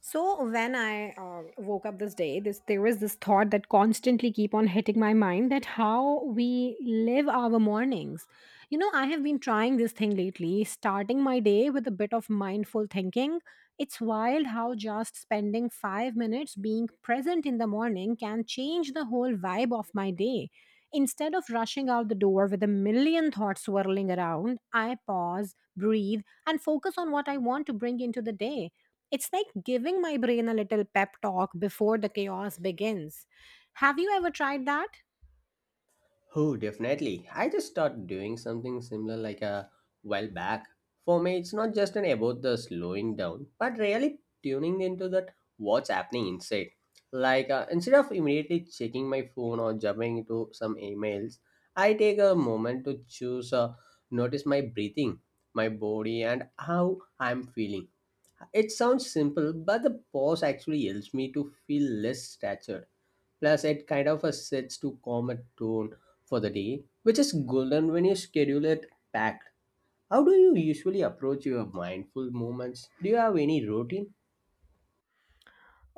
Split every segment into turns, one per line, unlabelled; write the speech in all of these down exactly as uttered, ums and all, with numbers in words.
So when I uh, woke up this day, this there was this thought that constantly keep on hitting my mind that how we live our mornings. You know, I have been trying this thing lately, starting my day with a bit of mindful thinking. It's wild how just spending five minutes being present in the morning can change the whole vibe of my day. Instead of rushing out the door with a million thoughts swirling around, I pause, breathe, and focus on what I want to bring into the day. It's like giving my brain a little pep talk before the chaos begins. Have you ever tried that?
Oh, definitely. I just started doing something similar like a while back. For me, it's not just an about the slowing down, but really tuning into that what's happening inside. Like uh, instead of immediately checking my phone or jumping into some emails, I take a moment to choose, uh, notice my breathing, my body, and how I'm feeling. It sounds simple, but the pause actually helps me to feel less statured. Plus, it kind of a sets to calm a tone for the day, which is golden when you schedule it packed. How do you usually approach your mindful moments? Do you have any routine?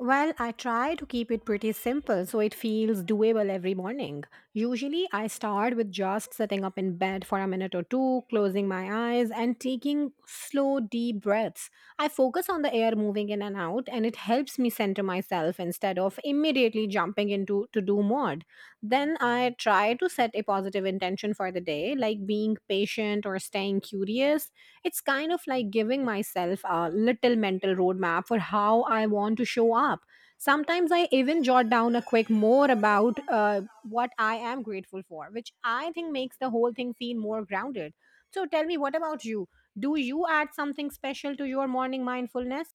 Well, I try to keep it pretty simple so it feels doable every morning. Usually, I start with just sitting up in bed for a minute or two, closing my eyes, and taking slow, deep breaths. I focus on the air moving in and out, and it helps me center myself instead of immediately jumping into to do mode. Then, I try to set a positive intention for the day, like being patient or staying curious. It's kind of like giving myself a little mental roadmap for how I want to show up. Sometimes I even jot down a quick more about uh, what I am grateful for, which I think makes the whole thing feel more grounded. So tell me, what about you? Do you add something special to your morning mindfulness?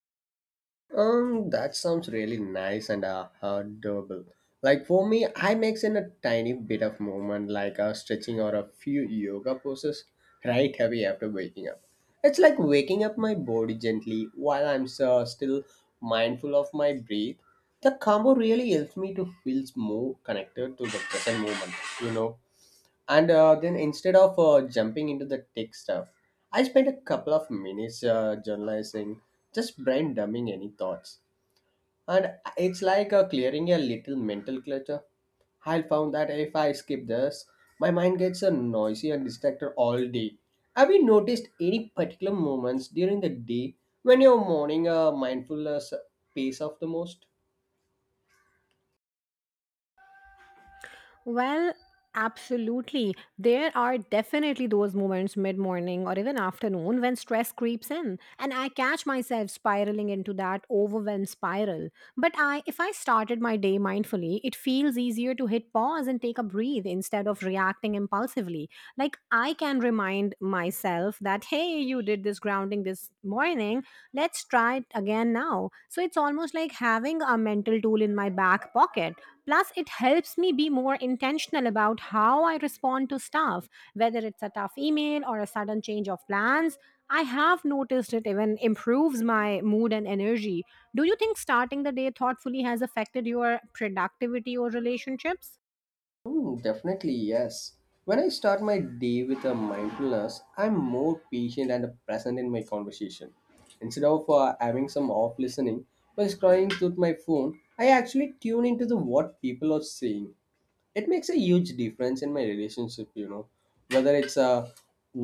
Um, that sounds really nice and uh, adorable. Like for me, I mix in a tiny bit of movement, like uh, stretching or a few yoga poses, right away after waking up. It's like waking up my body gently while I'm uh, still mindful of my breath. The combo really helps me to feel more connected to the present moment, you know. And uh, then instead of uh, jumping into the tech stuff, I spend a couple of minutes uh, journalizing, just brain dumping any thoughts and it's like uh, clearing a little mental clutter. I found that if I skip this, my mind gets uh, noisy and distracted all day. Have you noticed any particular moments during the day when your morning uh, mindfulness pays off the most?
Well, absolutely. There are definitely those moments mid morning or even afternoon when stress creeps in and I catch myself spiraling into that overwhelm spiral. But I if I started my day mindfully, it feels easier to hit pause and take a breathe instead of reacting impulsively. Like I can remind myself that hey, you did this grounding this morning, let's try it again now. So it's almost like having a mental tool in my back pocket. Plus, it helps me be more intentional about how I respond to stuff, whether it's a tough email or a sudden change of plans. I have noticed it even improves my mood and energy. Do you think starting the day thoughtfully has affected your productivity or relationships?
Hmm, definitely, yes. When I start my day with a mindfulness, I'm more patient and present in my conversation. Instead of uh, having some off listening while scrolling through my phone, I actually tune into the what people are saying. It makes a huge difference in my relationship, you know, whether it's a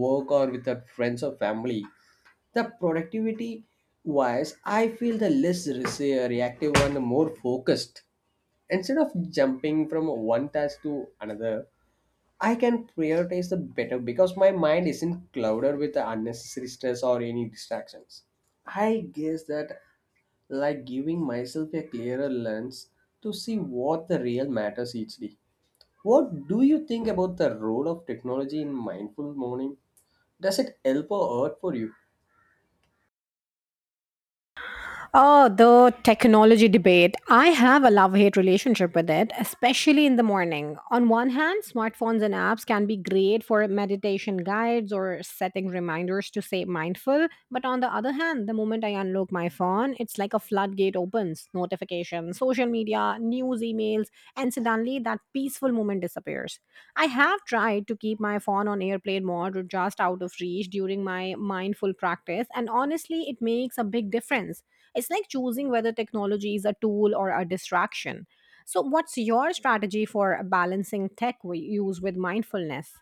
work or with a friends or family. The productivity wise, I feel the less rese- reactive and the more focused. Instead of jumping from one task to another, I can prioritize the better because my mind isn't clouded with the unnecessary stress or any distractions. I guess that like giving myself a clearer lens to see what the real matters each day. What do you think about the role of technology in mindful morning? Does it help or hurt for you?
Oh, the technology debate. I have a love hate relationship with it, especially in the morning. On one hand, smartphones and apps can be great for meditation guides or setting reminders to stay mindful. But on the other hand, the moment I unlock my phone, it's like a floodgate opens notifications, social media, news emails, and suddenly that peaceful moment disappears. I have tried to keep my phone on airplane mode or just out of reach during my mindful practice, and honestly, it makes a big difference. It's like choosing whether technology is a tool or a distraction. So, what's your strategy for balancing tech we use with mindfulness?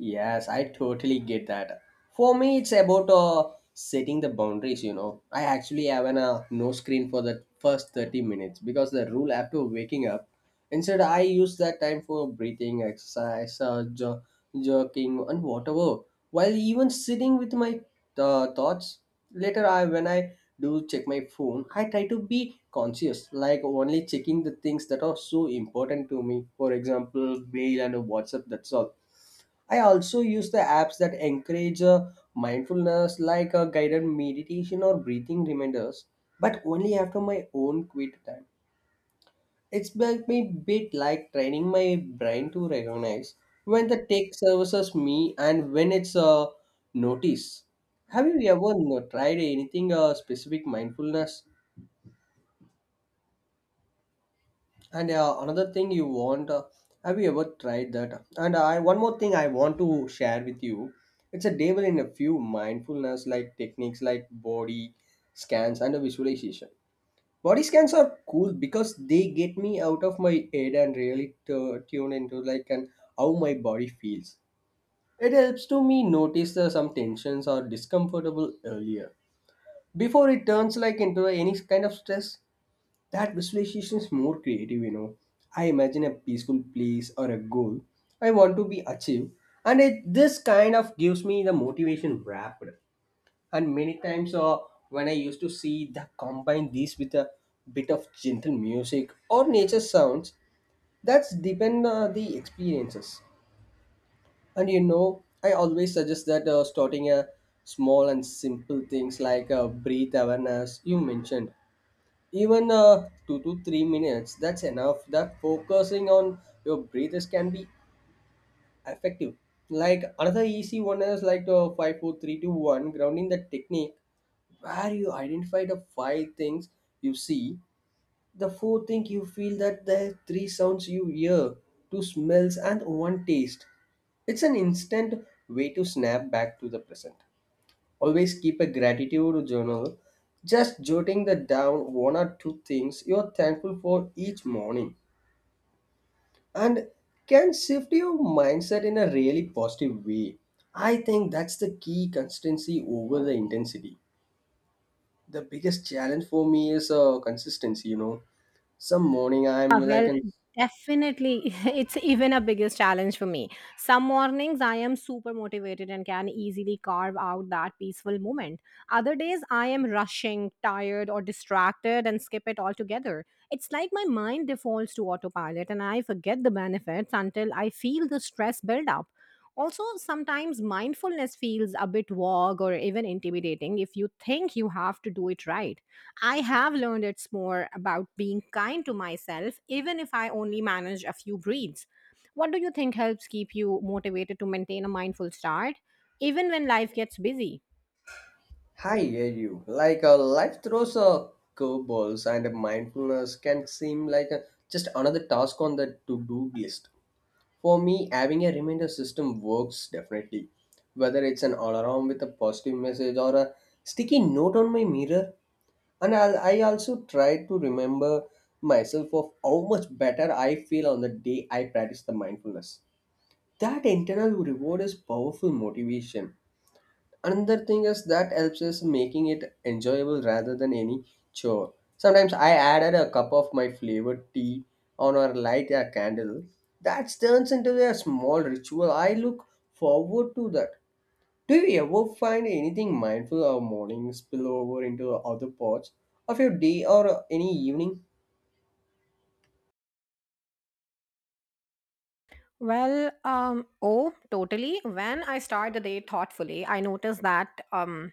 Yes, I totally get that. For me, it's about uh, setting the boundaries, you know. I actually have an uh, no screen for the first thirty minutes because the rule after waking up. Instead, I use that time for breathing, exercise, uh, jo- jogging, and whatever. While even sitting with my uh, thoughts, later I when I do check my phone, I try to be conscious, like only checking the things that are so important to me. For example, mail and WhatsApp. That's all. I also use the apps that encourage uh, mindfulness, like uh, guided meditation or breathing reminders, but only after my own quit time. It's like me bit like training my brain to recognize when the tech services me and when it's uh, notice. Have you ever no- tried anything uh, specific mindfulness? And uh, another thing you want, uh, have you ever tried that? And uh, I one more thing I want to share with you. It's a devil in a few mindfulness like techniques like body scans and a visualization. Body scans are cool because they get me out of my head and really t- tune into like and how my body feels. It helps to me notice uh, some tensions or discomfortable earlier before it turns like into any kind of stress. That visualization is more creative, you know. I imagine a peaceful place or a goal I want to be achieved, and it this kind of gives me the motivation wrapped. And many times, uh, when I used to see the combine these with a bit of gentle music or nature sounds, that's depend uh, the experiences. And you know, I always suggest that uh, starting a small and simple things like uh, breathe awareness you mentioned, even uh, two to three minutes, that's enough. That focusing on your breathers can be effective. Like another easy one is like the five, four, three, two, one grounding the technique where you identify the five things you see, the four things you feel, that the three sounds you hear, two smells and one taste. It's an instant way to snap back to the present. Always keep a gratitude journal, just jotting the down one or two things you're thankful for each morning and can shift your mindset in a really positive way. I think that's the key consistency over the intensity. The biggest challenge for me is uh, consistency, you know. Some morning I'm
Ah,
like
well,
an—
definitely. It's even a biggest challenge for me. Some mornings I am super motivated and can easily carve out that peaceful moment. Other days I am rushing, tired, or distracted and skip it altogether. It's like my mind defaults to autopilot and I forget the benefits until I feel the stress build up. Also, sometimes mindfulness feels a bit vague or even intimidating if you think you have to do it right. I have learned it's more about being kind to myself, even if I only manage a few breeds. What do you think helps keep you motivated to maintain a mindful start, even when life gets busy?
Hi, hear you. Like uh, life throws uh, curveballs, and mindfulness can seem like a, just another task on the to do list. For me, having a reminder system works definitely. Whether it's an alarm with a positive message or a sticky note on my mirror, and I'll, I also try to remember myself of how much better I feel on the day I practice the mindfulness. That internal reward is powerful motivation. Another thing is that helps is making it enjoyable rather than any chore. Sometimes I added a cup of my flavored tea on or light a candle. That turns into a small ritual I look forward to that. Do you ever find anything mindful of morning spill over into other parts of your day or any evening?
Well, um, oh, totally. When I start the day thoughtfully, I notice that um,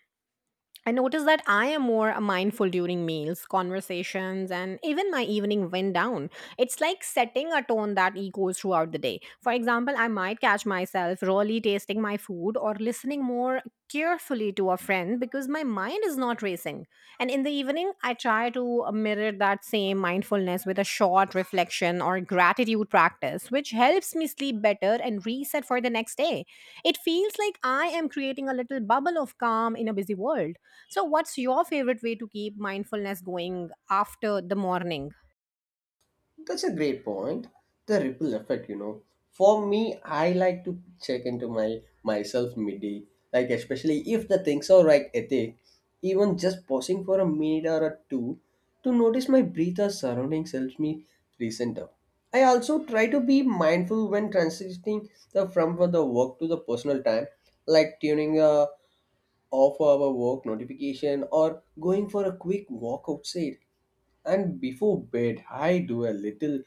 I notice that I am more mindful during meals, conversations, and even my evening wind down. It's like setting a tone that echoes throughout the day. For example, I might catch myself really tasting my food or listening more carefully to a friend because my mind is not racing. And in the evening, I try to mirror that same mindfulness with a short reflection or gratitude practice, which helps me sleep better and reset for the next day. It feels like I am creating a little bubble of calm in a busy world. So, what's your favorite way to keep mindfulness going after the morning?
That's a great point. The ripple effect, you know. For me, I like to check into my myself midday, like especially if the things are like ethic, even just pausing for a minute or a two to notice my breath or surroundings helps me recenter. I also try to be mindful when transitioning the from for the work to the personal time, like tuning a off our work notification or going for a quick walk outside. And before bed, I do a little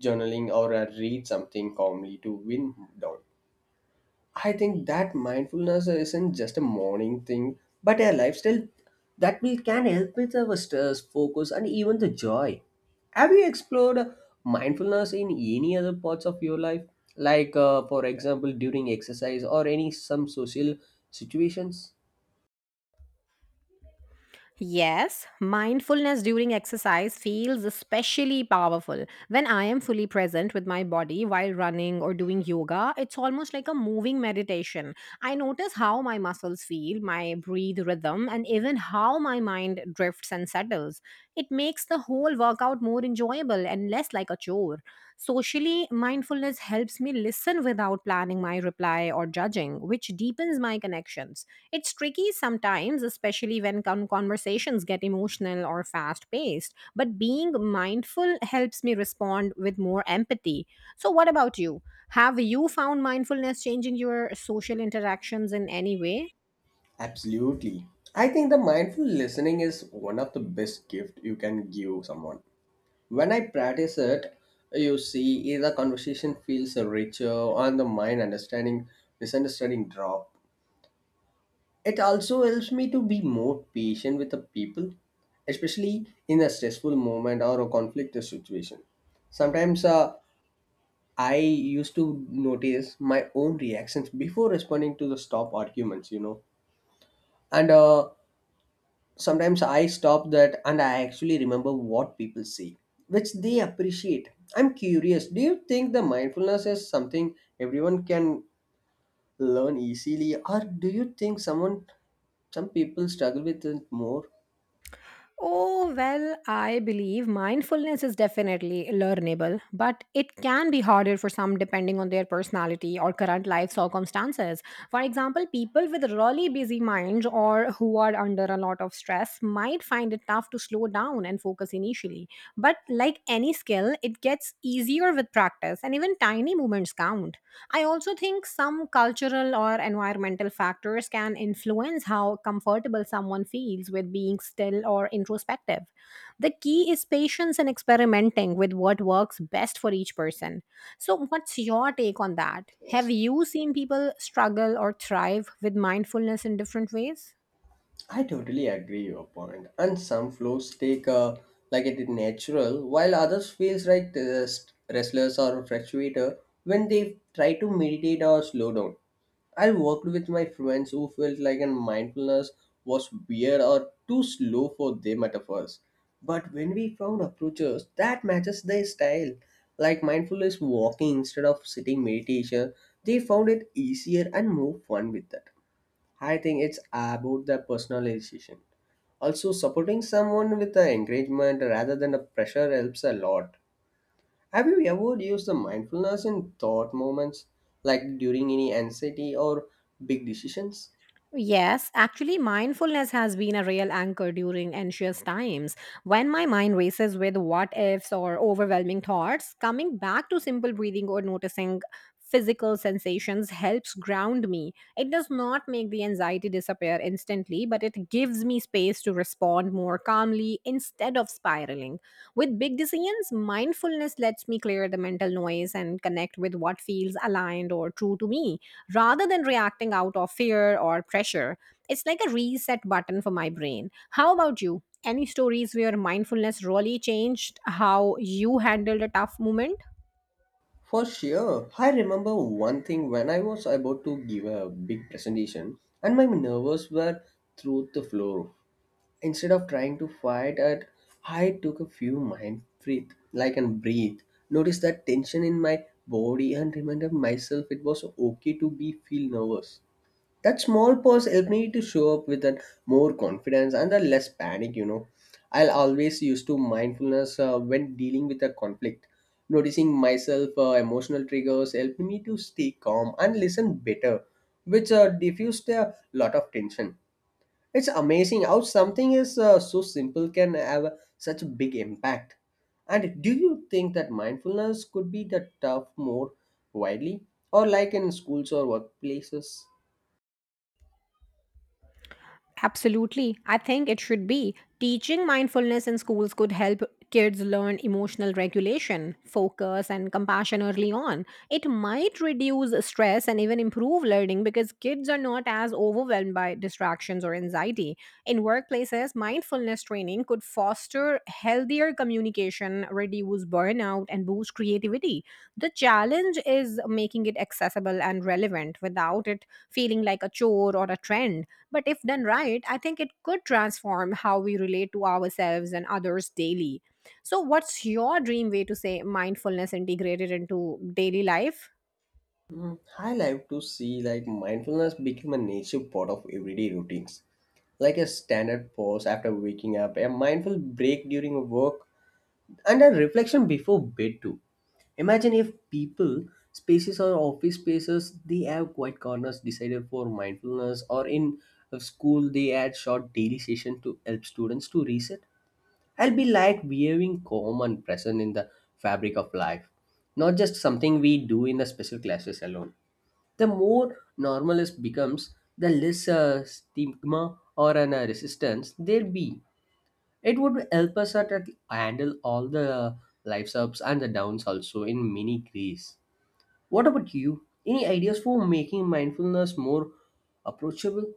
journaling or I read something calmly to wind down. I think that mindfulness isn't just a morning thing, but a lifestyle that will can help with our stress, focus, and even the joy. Have you explored mindfulness in any other parts of your life, like uh, for example during exercise or any some social situations?
Yes, mindfulness during exercise feels especially powerful. When I am fully present with my body while running or doing yoga, it's almost like a moving meditation. I notice how my muscles feel, my breathe rhythm, and even how my mind drifts and settles. It makes the whole workout more enjoyable and less like a chore. Socially, mindfulness helps me listen without planning my reply or judging, which deepens my connections. It's tricky sometimes, especially when con- conversations get emotional or fast paced, but being mindful helps me respond with more empathy. So, what about you? Have you found mindfulness changing your social interactions in any way?
Absolutely. I think the mindful listening is one of the best gift you can give someone. When I practice it, you see eh, the conversation feels richer and the mind understanding misunderstanding drop. It also helps me to be more patient with the people, especially in a stressful moment or a conflict situation. Sometimes uh, I used to notice my own reactions before responding to the stop arguments, you know. And uh, sometimes I stop that and I actually remember what people say, which they appreciate. I'm curious, do you think the mindfulness is something everyone can learn easily, or do you think someone some people struggle with it more?
Oh, well, I believe mindfulness is definitely learnable, but it can be harder for some depending on their personality or current life circumstances. For example, people with really busy minds or who are under a lot of stress might find it tough to slow down and focus initially. But like any skill, it gets easier with practice, and even tiny movements count. I also think some cultural or environmental factors can influence how comfortable someone feels with being still or introspective. The key is patience and experimenting with what works best for each person. So, what's your take on that? Have you seen people struggle or thrive with mindfulness in different ways?
I totally agree your point. And some flows take uh, like it is natural, while others feels like test, restless or fluctuator when they try to meditate or slow down. I worked with my friends who felt like a mindfulness was weird or too slow for them at first. But when we found approaches that matches their style, like mindfulness walking instead of sitting meditation, they found it easier and more fun with that. I think it's about the personalization. Also, supporting someone with the encouragement rather than a pressure helps a lot. Have you ever used the mindfulness in thought moments, like during any anxiety or big decisions?
Yes, actually, mindfulness has been a real anchor during anxious times. When my mind races with what ifs or overwhelming thoughts, coming back to simple breathing or noticing physical sensations helps ground me. It does not make the anxiety disappear instantly, but it gives me space to respond more calmly instead of spiraling. With big decisions, mindfulness lets me clear the mental noise and connect with what feels aligned or true to me rather than reacting out of fear or pressure. It's like a reset button for my brain. How about you? Any stories where mindfulness really changed how you handled a tough moment?
For sure. I remember one thing when I was about to give a big presentation and my nerves were through the floor. Instead of trying to fight it, I took a few mind breath, like and breathe. Notice that tension in my body and reminded myself it was okay to be feel nervous. That small pause helped me to show up with a more confidence and a less panic, you know. I'll always use to mindfulness uh, when dealing with a conflict. Noticing myself uh, emotional triggers helped me to stay calm and listen better, which uh, diffused a lot of tension. It's amazing how something is uh, so simple can have such a big impact. And do you think that mindfulness could be the tough more widely or like in schools or workplaces?
Absolutely. I think it should be. Teaching mindfulness in schools could help kids learn emotional regulation, focus, and compassion early on. It might reduce stress and even improve learning because kids are not as overwhelmed by distractions or anxiety. In workplaces, mindfulness training could foster healthier communication, reduce burnout, and boost creativity. The challenge is making it accessible and relevant without it feeling like a chore or a trend. But if done right, I think it could transform how we relate to ourselves and others daily. So, what's your dream way to say mindfulness integrated into daily life?
Mm, I like to see like mindfulness become a native part of everyday routines, like a standard pause after waking up, a mindful break during work, and a reflection before bed too. Imagine if people, spaces or office spaces, they have quiet corners decided for mindfulness, or in a school they add short daily session to help students to reset. I'll be like behaving calm and present in the fabric of life, not just something we do in the special classes alone. The more normalist becomes, the less uh, stigma or an, uh, resistance there be. It would help us at, at handle all the lives ups and the downs also in many ways. What about you, any ideas for making mindfulness more approachable?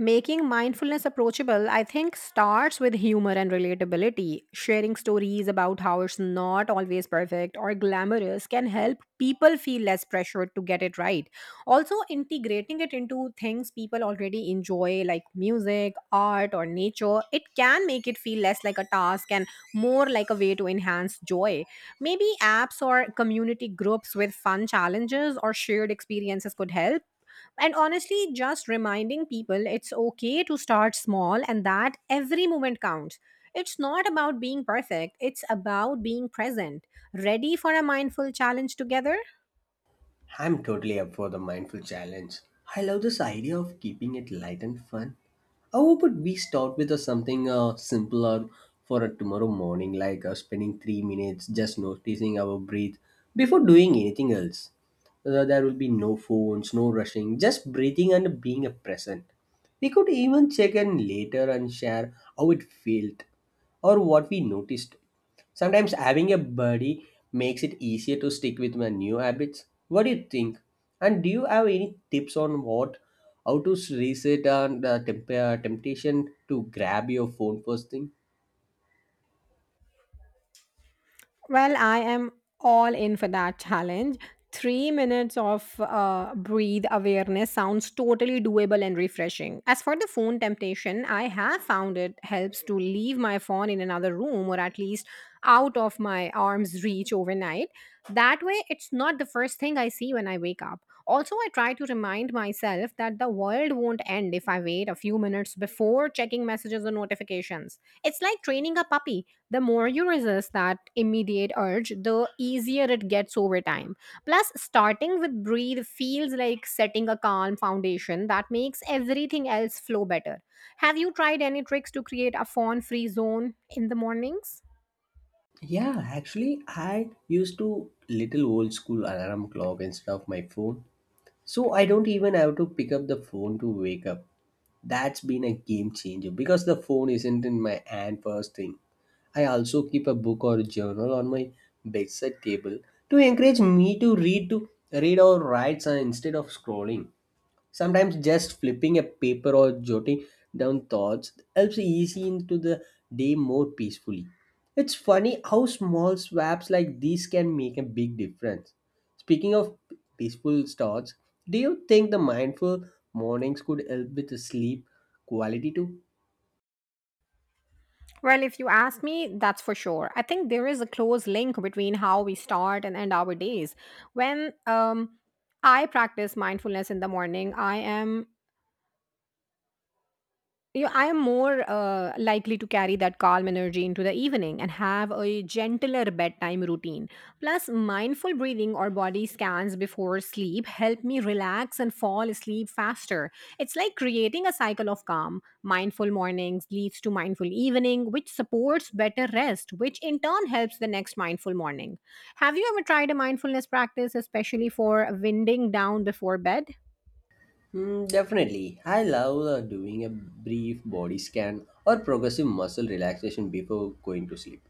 Making mindfulness approachable, I think, starts with humor and relatability. Sharing stories about how it's not always perfect or glamorous can help people feel less pressured to get it right. Also, integrating it into things people already enjoy, like music, art, or nature, it can make it feel less like a task and more like a way to enhance joy. Maybe apps or community groups with fun challenges or shared experiences could help. And honestly, just reminding people it's okay to start small and that every moment counts. It's not about being perfect, it's about being present. Ready for a mindful challenge together?
I'm totally up for the mindful challenge. I love this idea of keeping it light and fun. How about we start with uh, something uh, simpler for a tomorrow morning, like uh, spending three minutes just noticing our breath before doing anything else? Uh, there will be no phones, no rushing, just breathing and being a present. We could even check in later and share how it felt or what we noticed. Sometimes having a buddy makes it easier to stick with my new habits. What do you think? And do you have any tips on what, how to reset and uh, temp- uh, temptation to grab your phone first thing?
Well, I am all in for that challenge. Three minutes of uh, breathe awareness sounds totally doable and refreshing. As for the phone temptation, I have found it helps to leave my phone in another room or at least out of my arm's reach overnight. That way, it's not the first thing I see when I wake up. Also, I try to remind myself that the world won't end if I wait a few minutes before checking messages or notifications. It's like training a puppy. The more you resist that immediate urge, the easier it gets over time. Plus, starting with breathe feels like setting a calm foundation that makes everything else flow better. Have you tried any tricks to create a phone free zone in the mornings?
Yeah, actually, I used to little old school alarm clock instead of my phone. So I don't even have to pick up the phone to wake up. That's been a game changer because the phone isn't in my hand first thing. I also keep a book or journal on my bedside table to encourage me to read to read or write uh, instead of scrolling. Sometimes just flipping a paper or jotting down thoughts helps easy into the day more peacefully. It's funny how small swaps like these can make a big difference. Speaking of peaceful thoughts, do you think the mindful mornings could help with the sleep quality too?
Well, if you ask me, that's for sure. I think there is a close link between how we start and end our days. When um, I practice mindfulness in the morning, I am Yeah, I am more uh, likely to carry that calm energy into the evening and have a gentler bedtime routine. Plus, mindful breathing or body scans before sleep help me relax and fall asleep faster. It's like creating a cycle of calm. Mindful mornings leads to mindful evening, which supports better rest, which in turn helps the next mindful morning. Have you ever tried a mindfulness practice, especially for winding down before bed?
Mm, definitely. I love uh, doing a brief body scan or progressive muscle relaxation before going to sleep.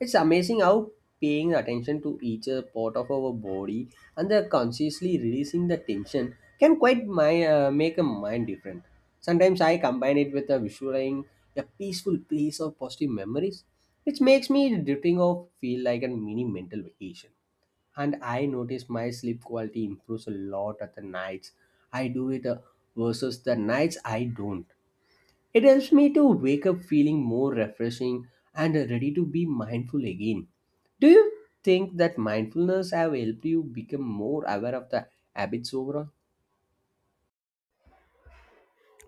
It's amazing how paying attention to each uh, part of our body and the consciously releasing the tension can quite my, uh, make a mind different. Sometimes I combine it with a visualizing a peaceful place of positive memories, which makes me drifting off feel like a mini mental vacation, and I notice my sleep quality improves a lot at the nights I do it uh, versus the nights I don't. It helps me to wake up feeling more refreshing and uh, ready to be mindful again. Do you think that mindfulness have helped you become more aware of the habits overall?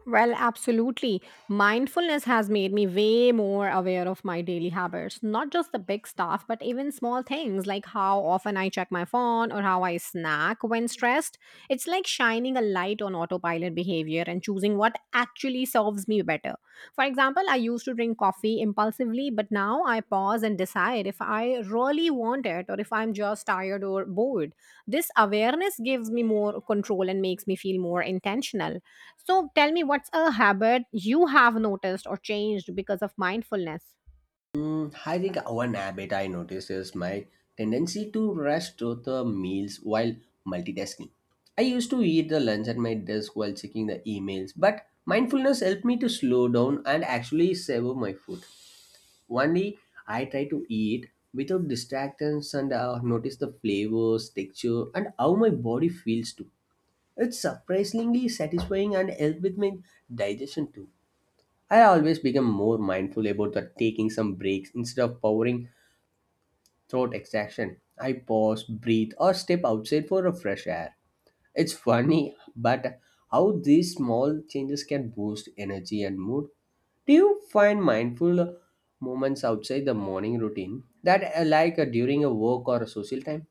Well, absolutely. Mindfulness has made me way more aware of my daily habits, not just the big stuff, but even small things like how often I check my phone or how I snack when stressed. It's like shining a light on autopilot behavior and choosing what actually serves me better. For example, I used to drink coffee impulsively, but now I pause and decide if I really want it or if I'm just tired or bored. This awareness gives me more control and makes me feel more intentional. So tell me, what's a habit you have noticed or changed because of mindfulness?
Mm, I think one habit I notice is my tendency to rush through the meals while multitasking. I used to eat the lunch at my desk while checking the emails, but mindfulness helped me to slow down and actually savor my food. One day, I try to eat without distractions and uh, notice the flavors, texture, and how my body feels too. It's surprisingly satisfying and helps with my digestion too. I always become more mindful about the taking some breaks instead of powering throat extraction. I pause, breathe, or step outside for a fresh air. It's funny, but how these small changes can boost energy and mood. Do you find mindful moments outside the morning routine that uh, like uh, during a work or a social time?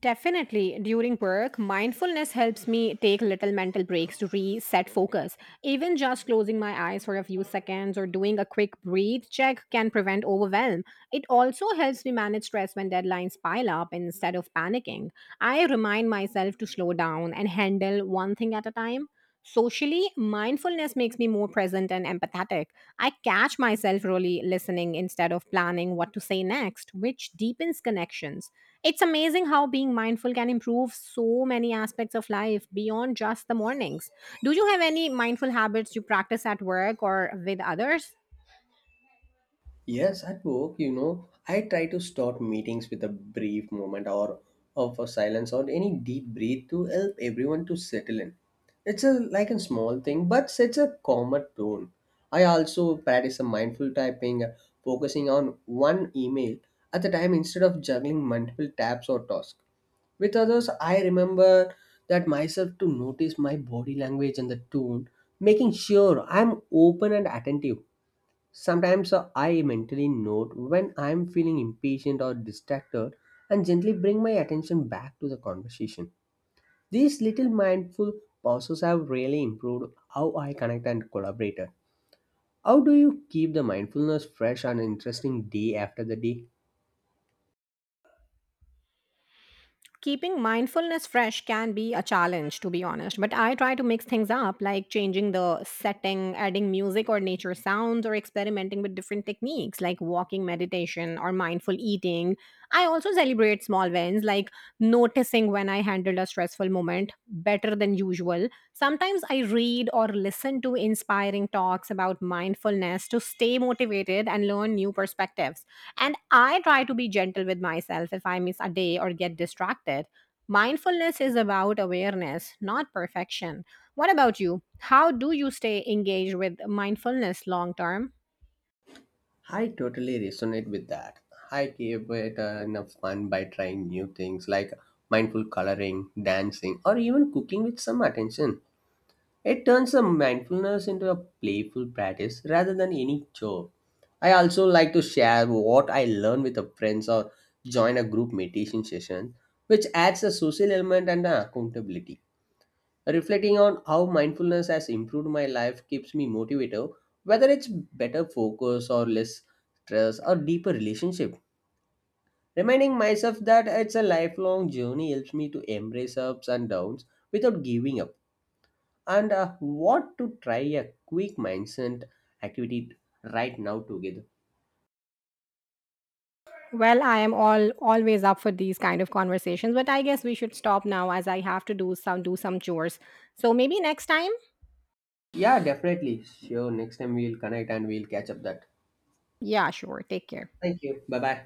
Definitely, during work, mindfulness helps me take little mental breaks to reset focus. Even just closing my eyes for a few seconds or doing a quick breathe check can prevent overwhelm. It also helps me manage stress when deadlines pile up instead of panicking. I remind myself to slow down and handle one thing at a time. Socially, mindfulness makes me more present and empathetic. I catch myself really listening instead of planning what to say next, which deepens connections. It's amazing how being mindful can improve so many aspects of life beyond just the mornings. Do you have any mindful habits you practice at work or with others?
Yes, at work, you know, I try to start meetings with a brief moment or of a silence or any deep breath to help everyone to settle in. It's a like a small thing, but sets a calmer tone. I also practice a mindful typing, uh, focusing on one email at a time instead of juggling multiple tabs or tasks. With others, I remember that myself to notice my body language and the tone, making sure I'm open and attentive. Sometimes uh, I mentally note when I'm feeling impatient or distracted and gently bring my attention back to the conversation. These little mindful pauses have really improved how I connect and collaborate. How do you keep the mindfulness fresh and interesting day after the day?
Keeping mindfulness fresh can be a challenge, to be honest, but I try to mix things up, like changing the setting, adding music or nature sounds, or experimenting with different techniques like walking meditation or mindful eating. I also celebrate small wins, like noticing when I handled a stressful moment better than usual. Sometimes I read or listen to inspiring talks about mindfulness to stay motivated and learn new perspectives. And I try to be gentle with myself if I miss a day or get distracted. Mindfulness is about awareness, not perfection. What about you? How do you stay engaged with mindfulness long term?
I totally resonate with that. I keep it uh, in a fun by trying new things like mindful coloring, dancing, or even cooking with some attention. It turns a mindfulness into a playful practice rather than any chore. I also like to share what I learn with a friends or join a group meditation session, which adds a social element and an accountability. Reflecting on how mindfulness has improved my life keeps me motivated, whether it's better focus or less stress or deeper relationship. Reminding myself that it's a lifelong journey helps me to embrace ups and downs without giving up. And uh, what to try a quick mindset activity right now together?
Well, I am all always up for these kind of conversations, but I guess we should stop now as I have to do some do some chores. So maybe next time?
Yeah, definitely, sure, next time we'll connect and we'll catch up that.
Yeah, sure. Take care.
Thank you, bye bye.